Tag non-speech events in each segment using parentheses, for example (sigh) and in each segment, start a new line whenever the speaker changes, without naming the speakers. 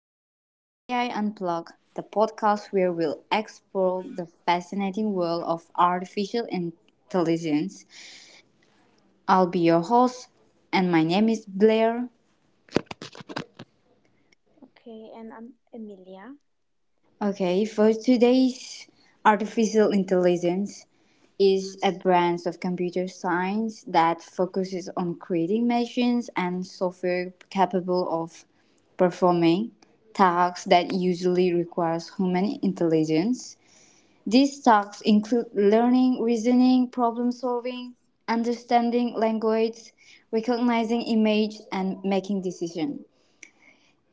Welcome to AI Unplugged, the podcast where we'll explore the fascinating world of artificial intelligence. I'll be your host, and my name is Blair.
Okay, and I'm Emilia.
Okay, for today's artificial intelligence is a branch of computer science that focuses on creating machines and software capable of performing tasks that usually requires human intelligence. These tasks include learning, reasoning, problem solving, understanding language, recognizing image, and making decisions.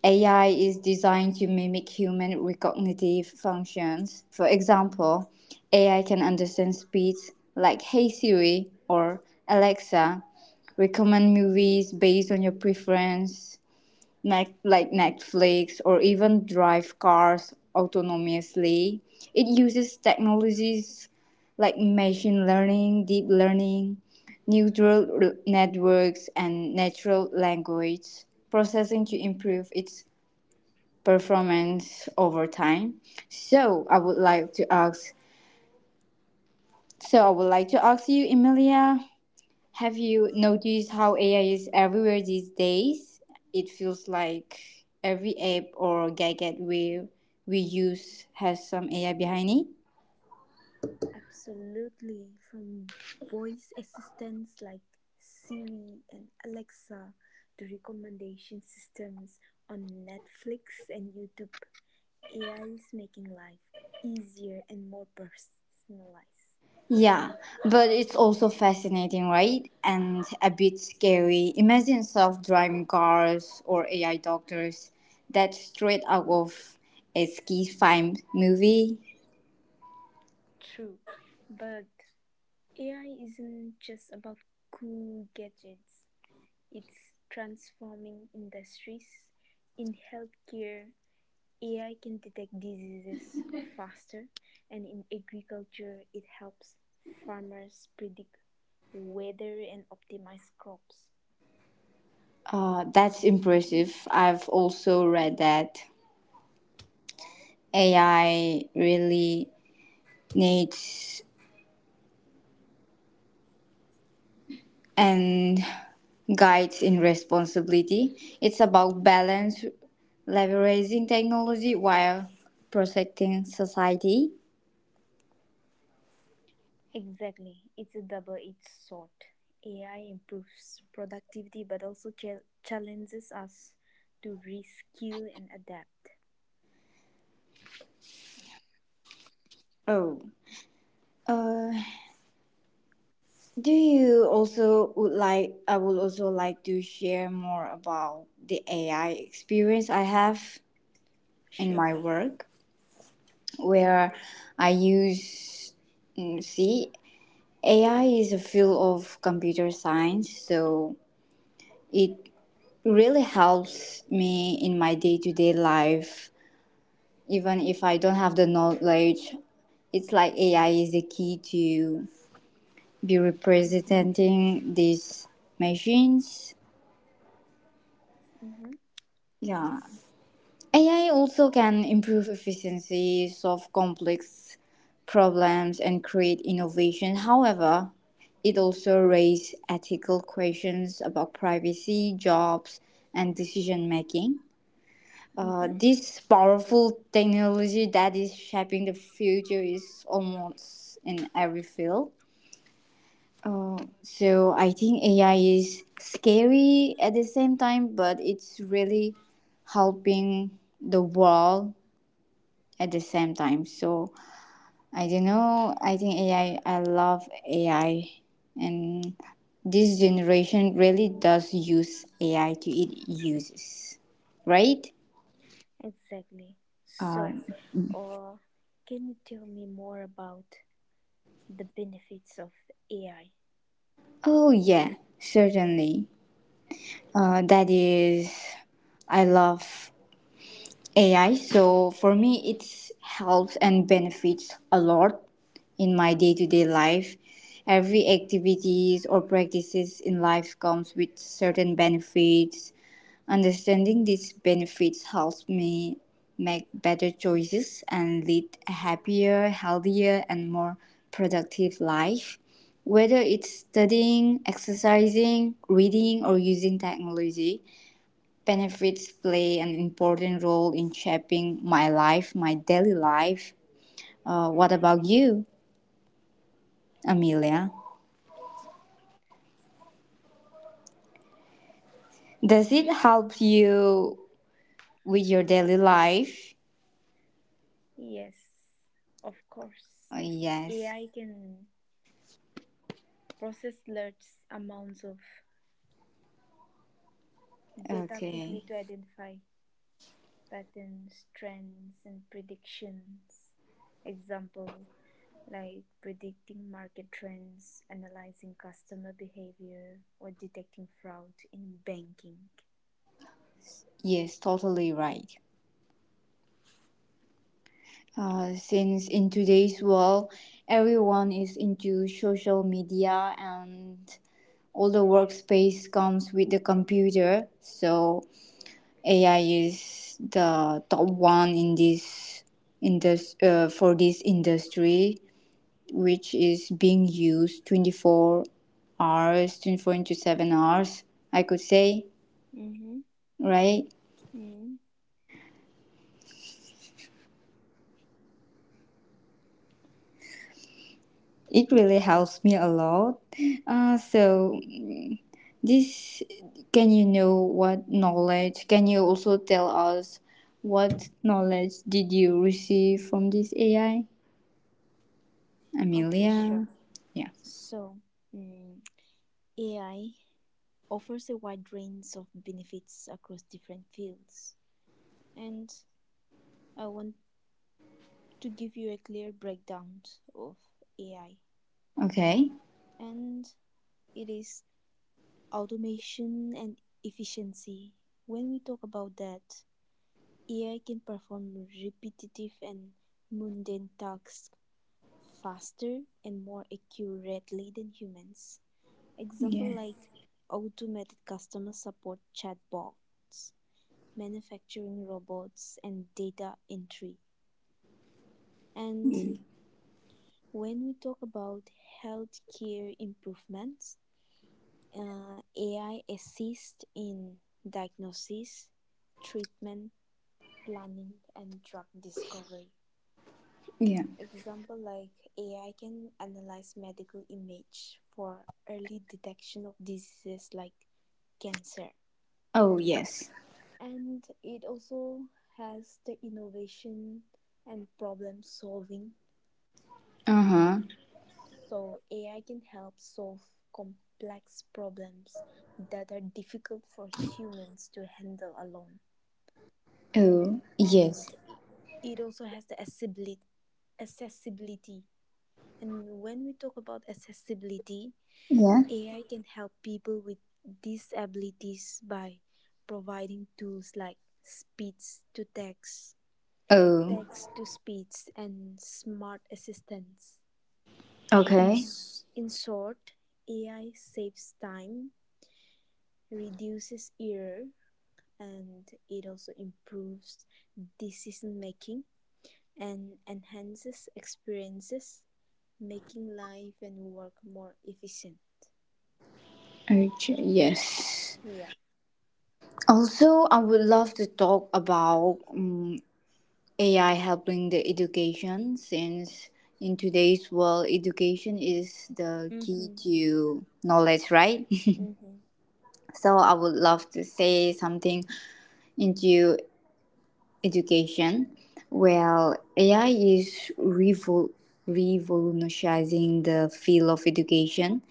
AI is designed to mimic human recognitive functions. For example, AI can understand speech like Hey Siri or Alexa, recommend movies based on your preference, like Netflix or even drive cars autonomously. It uses technologies like machine learning, deep learning, networks, and natural language processing to improve its performance over time. So I would like to ask. So I would like to ask you, Emilia, have you noticed how AI is everywhere these days? It feels like every app or gadget we use has some AI behind it.
Absolutely, from voice assistants like Siri and Alexa to recommendation systems on Netflix and YouTube, AI is making life easier and more personalized.
Yeah, but it's also fascinating, right? And a bit scary. Imagine self-driving cars or AI doctors. That's straight out of a ski film movie.
True, but AI isn't just about cool gadgets, it's transforming industries in healthcare. AI can detect diseases faster, and in agriculture, it helps farmers predict weather and optimize crops.
That's impressive. I've also read that AI really needs and guides in responsibility. It's about balance, leveraging technology while protecting society.
Exactly, it's a double edged sword. AI improves productivity but also challenges us to reskill and adapt.
Oh, uh, do you also would like? I would also like to share more about the AI experience I have in
Sure.
my work, where I use mm, see AI is a field of computer science, so it really helps me in my day-to-day life, even if I don't have the knowledge. It's like ai is the key to be
Mm-hmm.
representing these machines.
Mm-hmm.
Yeah, ai also can improve efficiency, solve complex problems and create innovation. However, it also raises ethical questions about privacy, jobs, and decision making.
Mm-hmm.
This powerful technology that is shaping the future is almost in every field. Uh, so I think AI is scary at the same time, but it's really helping the world at the same time. So I don't know. I think AI. I love AI, and this generation really does use AI to its uses, right?
Exactly. So, uh, can you tell me more about the benefits of AI?
Oh yeah, certainly. Uh, that is, I love AI. So for me, it helps and benefits a lot in my day to day life. Every activities or practices in life comes with certain benefits. Understanding these benefits helps me make better choices and lead a happier, healthier, and more productive life. Whether it's studying, exercising, reading, or using technology, benefits play an important role in shaping my life, my daily life. What about you, Amelia? Does it help you with your daily life?
Yes, of course.
Yes.
AI can process large amounts of data quickly
Okay.
to identify patterns, trends, and predictions. Example like predicting market trends, analyzing customer behavior, or detecting fraud in banking.
Yes, totally right. Since in today's world, everyone is into social media and all the workspace comes with the computer, so AI is the top one in this for this industry, which is being used 24 hours, 24 into 7 hours, I could say,
Mm-hmm.
right?
Mm.
It really helps me a lot. So, this can you know what knowledge? Can you also tell us what knowledge did you receive from this AI,
Okay, sure.
Amelia? Yeah.
So, mm, AI offers a wide range of benefits across different fields. And I want to give you a clear breakdown of AI,
Okay.
and it is automation and efficiency. When we talk about that, AI can perform repetitive and mundane tasks faster and more accurately than humans. Example
Yeah.
like automated customer support chatbots, manufacturing robots, and data entry. And when we talk about healthcare improvements, AI assists in diagnosis, treatment, planning, and drug discovery.
Yeah.
Example like AI can analyze medical image for early detection of diseases like cancer.
Oh, yes.
And it also has the innovation and problem solving.
Uh huh.
So AI can help solve complex problems that are difficult for humans to handle alone.
Oh, yes.
And it also has the accessibility. And when we talk about accessibility,
Yeah.
AI can help people with disabilities by providing tools like speech to text,
Oh,
text to speech and smart assistants. In,
okay.
s- in short, AI saves time, reduces error, and it also improves decision making and enhances experiences, making life and work more efficient.
Okay, yes.
Yeah.
Also, I would love to talk about AI helping the education, since in today's world, education is the key
Mm-hmm.
to knowledge, right? (laughs)
Mm-hmm.
So, I would love to say something into education. Well, revolutionizing the field of education.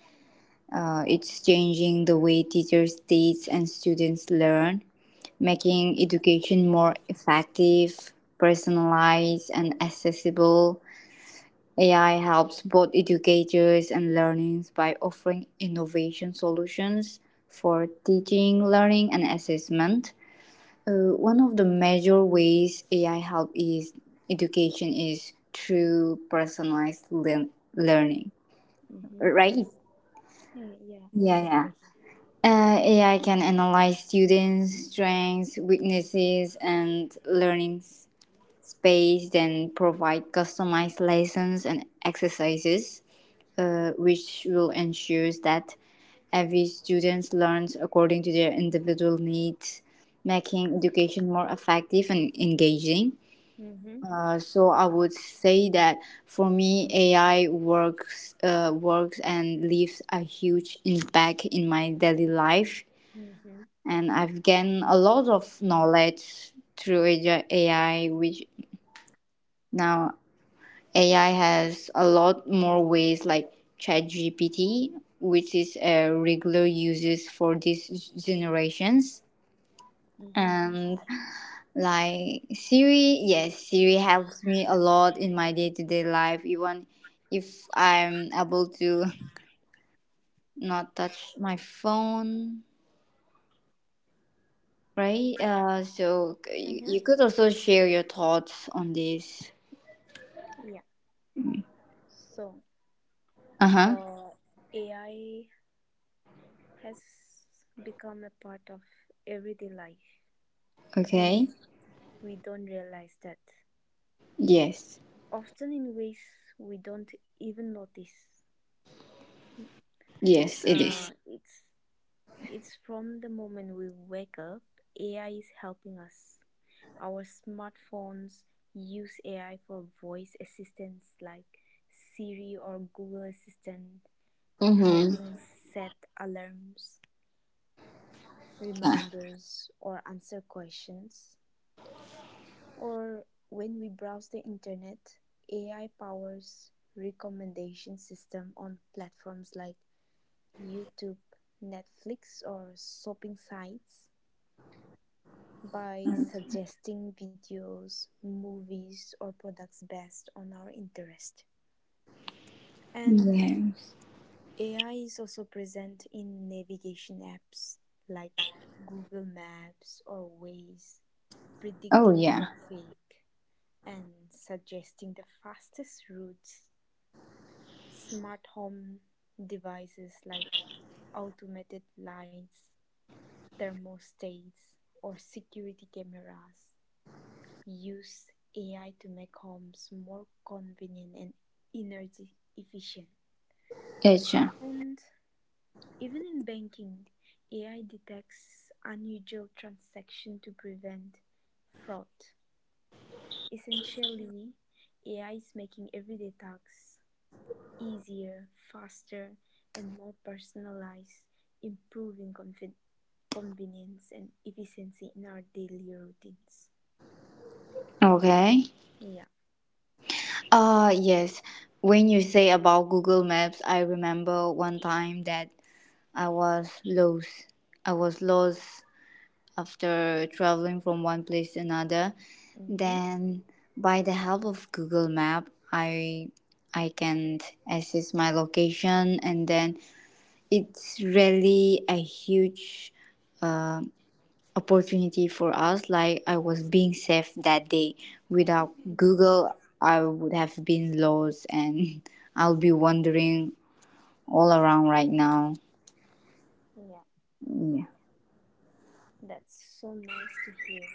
It's changing the way teachers teach and students learn, making education more effective, personalized, and accessible. AI helps both educators and learners by offering innovation solutions for teaching, learning, and assessment. One of the major ways AI help is education is through learning,
Mm-hmm.
right?
Yeah, yeah,
Yeah, yeah.
exactly.
AI can analyze students' strengths, weaknesses, and learning space, then provide customized lessons and exercises, which will ensure that every student learns according to their individual needs, making education more effective and engaging.
Mm-hmm.
So I would say that for me, works and leaves a huge impact in my daily life,
Mm-hmm.
and I've gained a lot of knowledge through AI, which now AI has a lot more ways like ChatGPT, which is a regular uses for these generations.
Mm-hmm.
And like Siri, yes, Siri helps me a lot in my day to day life, even if I'm able to not touch my phone, right?
Mm-hmm.
You could also share your thoughts on this.
Yeah. So,
Uh huh.
uh, AI has become a part of everyday life and
Okay.
we don't realize that.
Yes.
Often in ways we don't even notice.
Yes, it
Uh,
is.
it's it's from the moment we wake up. AI is helping us. Our smartphones use AI for voice assistants like Siri or Google Assistant, helping
Mm-hmm.
set alarms, reminders, or answer questions. Or when we browse the internet, AI powers recommendation system on platforms like YouTube, Netflix or shopping sites
Yeah.
by suggesting videos, movies or products based on our interest. And
Yes.
AI is also present in navigation apps like Google Maps or Waze,
Oh
predicting
yeah.
traffic and suggesting the fastest routes. Smart home devices like automated lights, thermostats, or security cameras use AI to make homes more convenient and energy efficient.
It's
And even in banking, AI detects unusual transactions to prevent fraud. Essentially, AI is making everyday tasks easier, faster, and more personalized, improving convenience and efficiency in our daily routines.
okay.
Yeah.
Yes. When you say about Google Maps, I remember one time that I was lost. I was lost after traveling from one place to another.
Mm-hmm.
Then by the help of Google Map, I can access my location, and then it's really a huge opportunity for us. Like I was being safe that day. Without
Mm-hmm.
Google, I would have been lost and (laughs) I'll be wandering all around right now.
Yeah.
Yeah.
That's so nice to hear.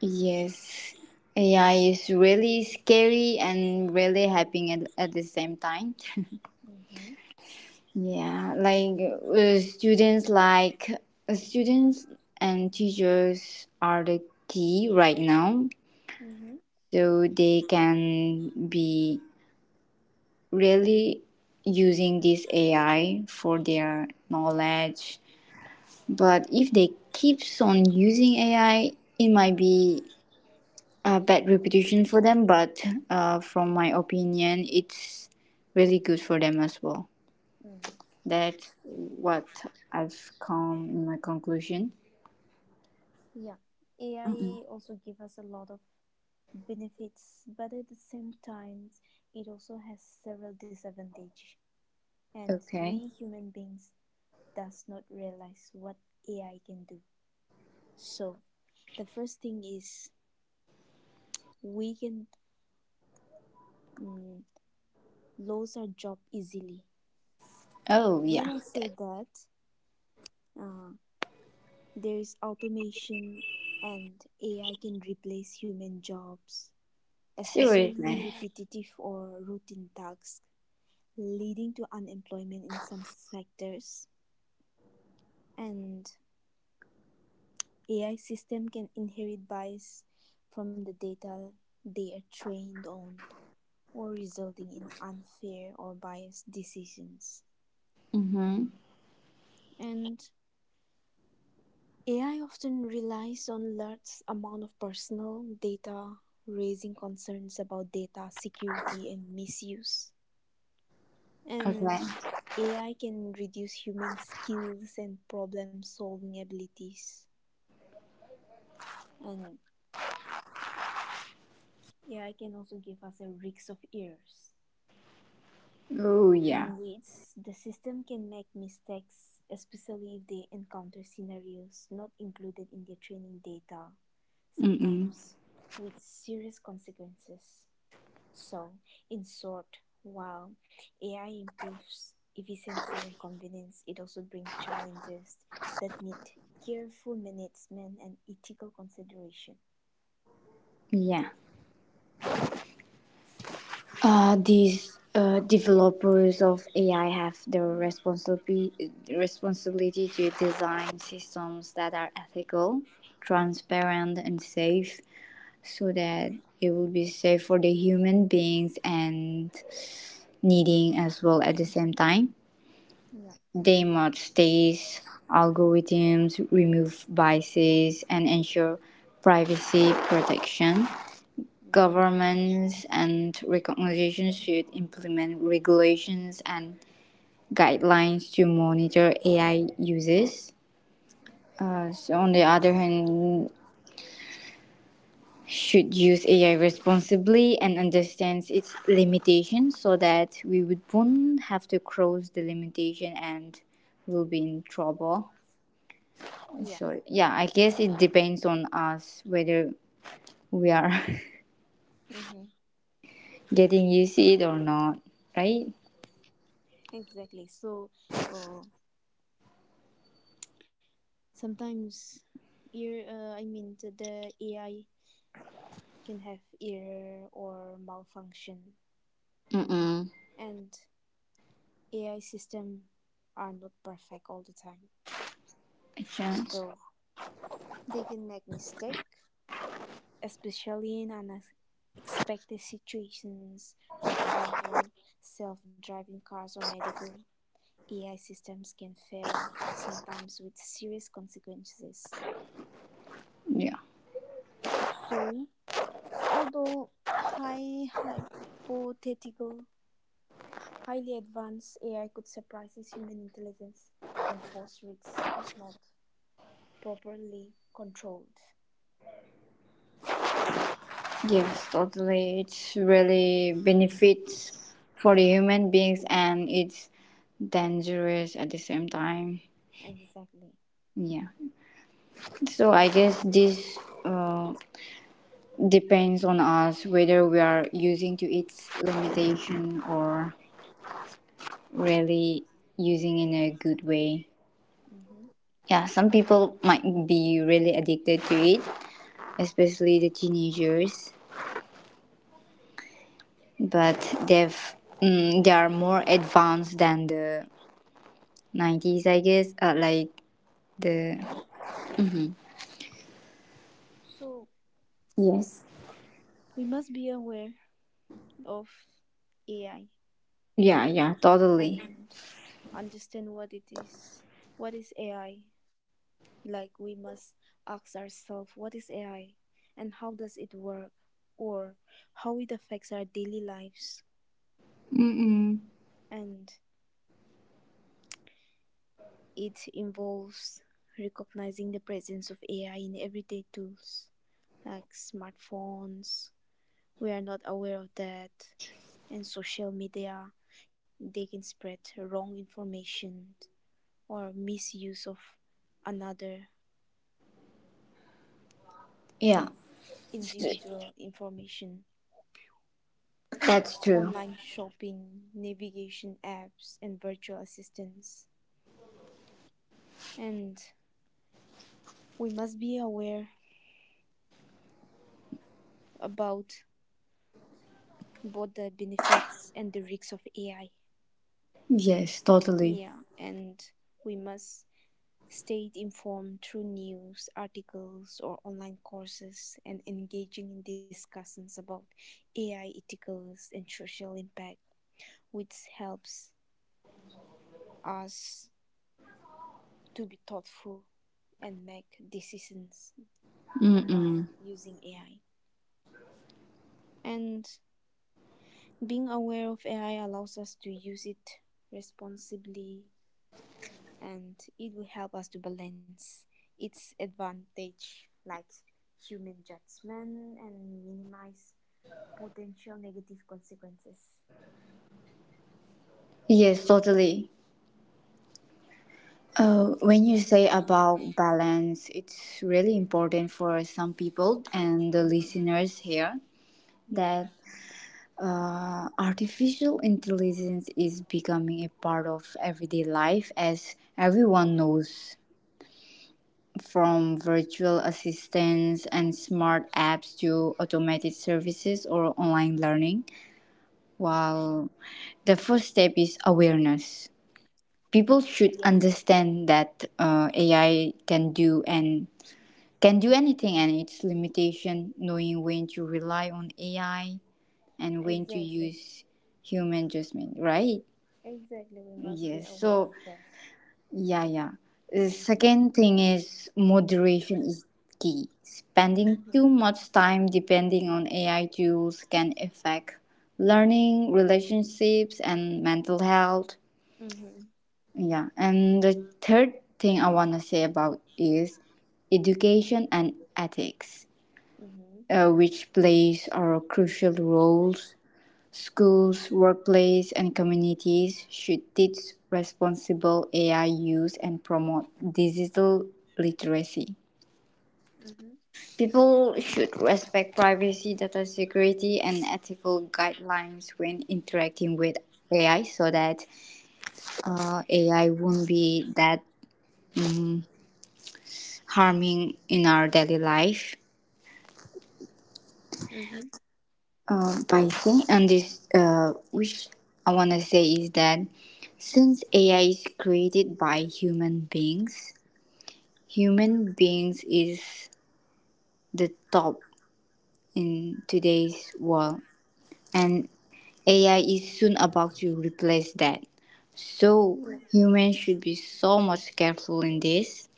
Yes, AI is really scary and really happy at the same time. (laughs)
Mm-hmm.
Yeah, like uh, students, like students and teachers are the key right now,
Mm-hmm.
so they can be really using this AI for their knowledge. But if they keeps on using AI, it might be a bad reputation for them. But from my opinion, it's really good for them as well.
Mm-hmm.
That's what I've come in my conclusion.
Yeah. AI also give us a lot of benefits, but at the same time, it also has several disadvantages, and
Okay.
we human beings does not realize what AI can do. So, the first thing is we can mm, lose our job easily.
Oh
When
yeah,
I say
that's
that, uh, there is automation and AI can replace human jobs, especially in
seriously.
repetitive or routine tasks, leading to unemployment in some sectors. And AI system can inherit bias from the data they are trained on, or resulting in unfair or biased decisions.
Mm-hmm.
And AI often relies on large amount of personal data, raising concerns about data security and misuse.
Okay.
And AI can reduce human skills and problem solving abilities. And AI can also give us a risk of errors.
Oh yeah.
In which the system can make mistakes, especially if they encounter scenarios not included in their training data,
Mm-mm.
sometimes with serious consequences. So, in short, while AI improves efficiency and convenience, it also brings challenges that need careful management and ethical consideration.
Yeah. These developers of AI have the responsibility to design systems that are ethical, transparent, and safe so that it will be safe for the human beings and needing as well at the same time.
Yeah.
They must test algorithms, remove biases, and ensure privacy protection.
Mm-hmm.
Governments and organizations should implement regulations and guidelines to monitor AI uses. So on the other hand, should use AI responsibly and understands its limitations so that we would won't have to cross the limitation and will be in trouble.
Yeah.
So yeah, I guess it depends on us whether we are
Mm-hmm.
(laughs) getting used to it or not, right?
Exactly. So, uh, sometimes ear I mean the AI can have error or malfunction
Mm-mm.
and AI system are not perfect all the time.
Chance.
So they can make mistake, especially in unexpected situations. For example, self-driving cars or medical AI systems can fail sometimes with serious consequences.
Yeah.
So although high hypothetical highly advanced AI could surprise human intelligence and pose risks if not properly controlled.
Yes, totally. It's really benefits for the human beings and it's dangerous at the same time.
Exactly.
Yeah. So I guess this uh, depends on us whether we are using to its limitation or really using in a good way.
hmm
Yeah, some people might be really addicted to it, especially the teenagers, but they've they are more advanced than the 90s, I guess. Like the
hmm So
Yes.
we must be aware of AI
Yeah, yeah, totally.
and understand what it is. What is AI? Like we must ask ourselves, what is AI, and how does it work, or how it affects our daily lives,
Mm-mm.
and it involves recognizing the presence of AI in everyday tools like smartphones. We are not aware of that. And social media, they can spread wrong information or misuse of another
Yeah,
individual information.
that's true.
Online shopping, navigation apps, and virtual assistants. And we must be aware about both the benefits and the risks of AI.
Yes, totally.
Yeah, and we must stay informed through news articles or online courses and engaging in discussions about AI ethicals and social impact, which helps us to be thoughtful and make decisions while
Mm-mm.
using AI. And being aware of AI allows us to use it responsibly and it will help us to balance its advantage like human judgment and minimize potential negative consequences.
Yes, totally. When you
Yeah.
say about balance, it's really important for some people and the
Mm-hmm.
listeners here
Yeah,
that
yeah.
artificial intelligence is becoming a part of everyday life as everyone knows. From virtual assistants and smart apps to automated services or online learning, while the first step is awareness. People should
Yeah,
understand that AI can do and can do anything and its limitation, knowing when to rely on AI and
yeah.
when to
Exactly.
use human judgment, right?
Exactly. We must
Yes.
be
So
aware of that.
yeah, yeah. The second
Mm-hmm.
thing is moderation is key. Spending too
Mm-hmm.
much time depending on AI tools can affect learning, relationships, and mental health.
Mm-hmm.
Yeah, and the third thing I want to say about is education and ethics,
Mm-hmm.
which plays are crucial roles. Schools, workplaces, and communities should teach responsible AI use and promote digital literacy.
Mm-hmm.
People should respect privacy, data security, and ethical guidelines when interacting with AI so that AI won't be that harming in our daily life.
Mm-hmm.
By saying, and this, Which I want to say is that since AI is created by human beings, human beings is the top in today's world, and AI is soon about to replace that. So
Yeah.
humans should be so much careful in this.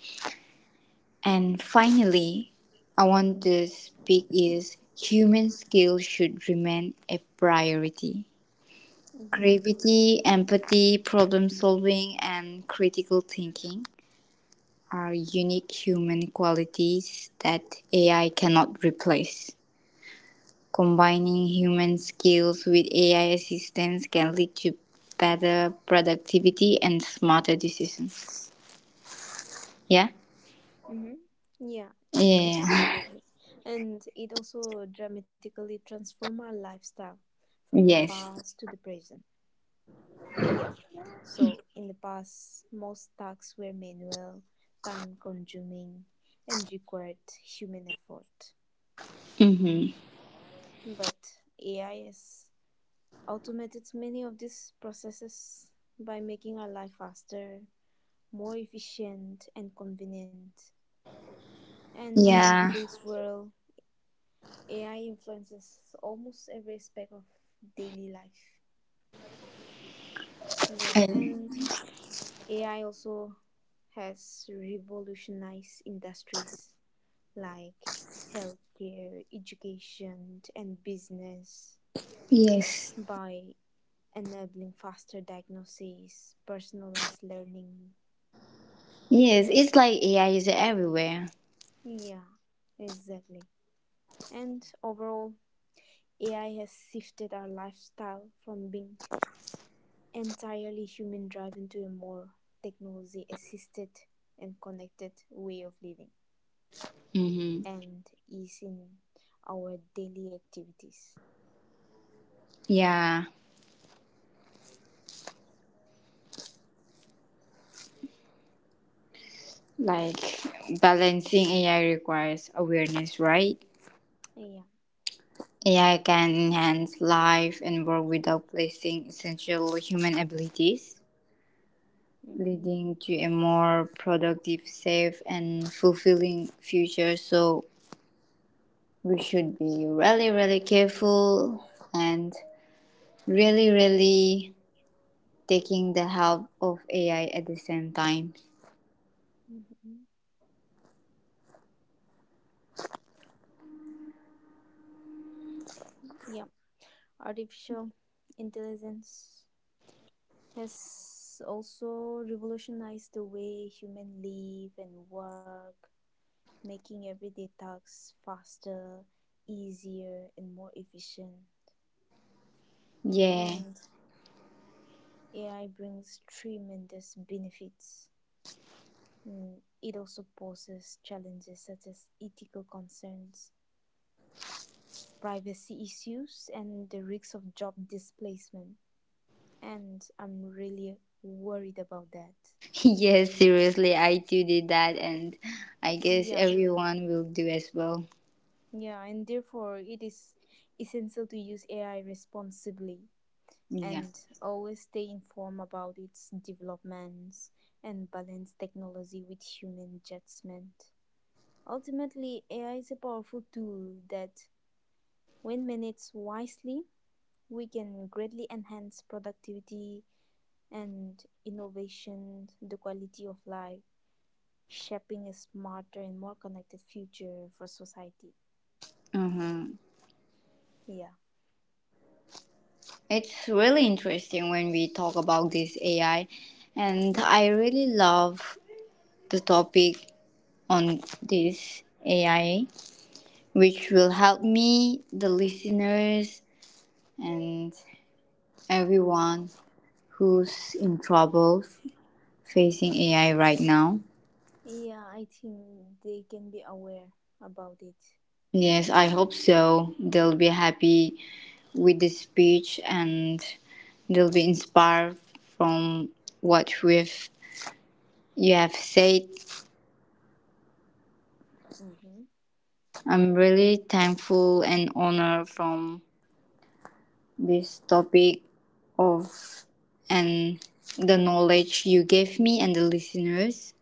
And finally, I want to speak is human skill should remain a priority.
Mm-hmm.
Creativity, empathy, problem solving, and critical thinking are unique human qualities that AI cannot replace. Combining human skills with AI assistance can lead to better productivity and smarter decisions. Yeah?
Mm-hmm. Yeah,
Yeah. (laughs)
absolutely. And it also dramatically transforms our lifestyle from the
Yes.
past to the present. Yeah. So in the past, most tasks were manual, time consuming, and required human effort.
Mm-hmm.
But AI has automated many of these processes by making our life faster, more efficient, and convenient. And in
Yeah.
today's world, AI influences almost every aspect of daily life. Yeah,
And-
and AI also has revolutionized industries like healthcare, education, and business
yes.
by enabling faster diagnosis, personalized learning.
Yes. It's like AI is everywhere.
Yeah, exactly. And overall, AI has shifted our lifestyle from being entirely human drive into a more technology assisted and connected way of living
Mm-hmm.
and is in our daily activities.
Yeah. Like balancing AI requires awareness, right?
Yeah.
AI can enhance life and work without placing essential human abilities,
Mm-hmm.
leading to a more productive, safe, and fulfilling future. So we should be really, really careful and really, really taking the help of AI at the same time.
Mm-hmm. Yeah. Artificial intelligence has also revolutionized the way humans live and work, making everyday tasks faster, easier, and more efficient.
Yeah,
And AI brings tremendous benefits. It also poses challenges such as ethical concerns, privacy issues, and the risks of job displacement. And I'm really worried about that.
(laughs) yes, seriously, I too did that, and I guess
Yeah,
everyone will do as well.
yeah, and therefore it is essential to use AI responsibly
Yeah.
and always stay informed about its developments and balance technology with human judgment. Ultimately, AI is a powerful tool that, when managed wisely, we can greatly enhance productivity and innovation, the quality of life, shaping a smarter and more connected future for society.
Mm-hmm.
Yeah.
It's really interesting when we talk about this AI, and I really love the topic on this AI, which will help me, the listeners, and everyone who's in trouble facing AI right now.
Yeah, I think they can be aware about it.
Yes, I hope so. They'll be happy with this speech and they'll be inspired from what we've you have said.
Mm-hmm.
I'm really thankful and honored from this topic of and the knowledge you gave me and the listeners.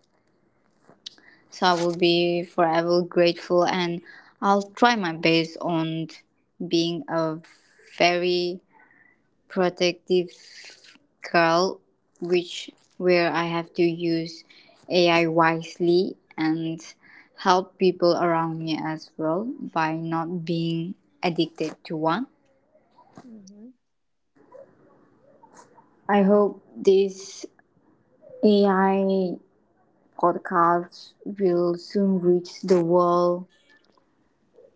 So I will be forever grateful and I'll try my best on being a very protective girl which where I have to use AI wisely and help people around me as well by not being addicted to one.
Mm-hmm.
I hope this AI podcast will soon reach the world,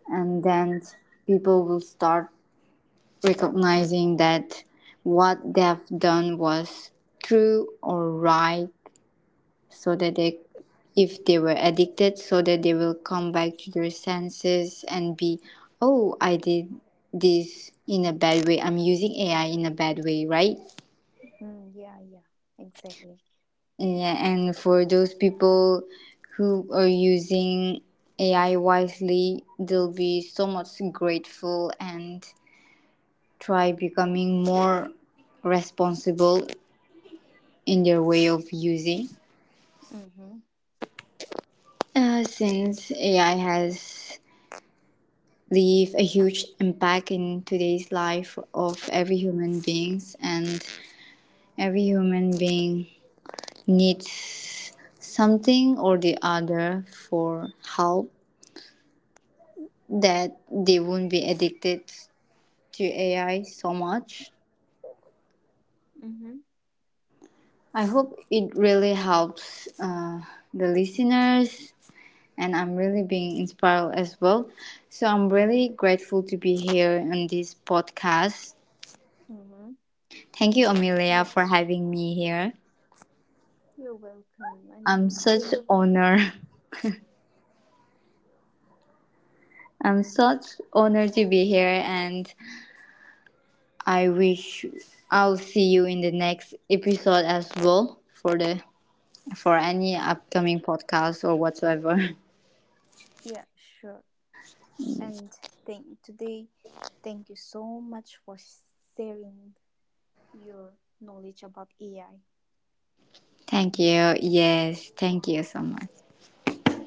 and then people will start recognizing that what they've done was true or right, so that they, if they were addicted, so that they will come back to their senses and be, oh, I did this in a bad way, I'm using ai in a bad way, right?
Mm, yeah, yeah. Exactly.
Yeah, and for those people who are using AI wisely, they'll be so much grateful and try becoming more responsible in their way of using.
Mm-hmm.
Since AI has leave a huge impact in today's life of every human beings, and every human being needs something or the other for help that they won't be addicted to AI so much.
Mm-hmm.
I hope it really helps the listeners, and I'm really being inspired as well. So I'm really grateful to be here on this podcast.
Mm-hmm.
Thank you,
Yeah.
Amelia, for having me here.
You're welcome. And
I'm such
thank
honor. (laughs) I'm such honored to be here, and I wish I'll see you in the next episode as well for the for any upcoming podcast or whatsoever. (laughs)
yeah, sure. And
Yes.
thank today thank you so much for sharing your knowledge about AI.
Thank you. Yes, thank you so much.
Yeah.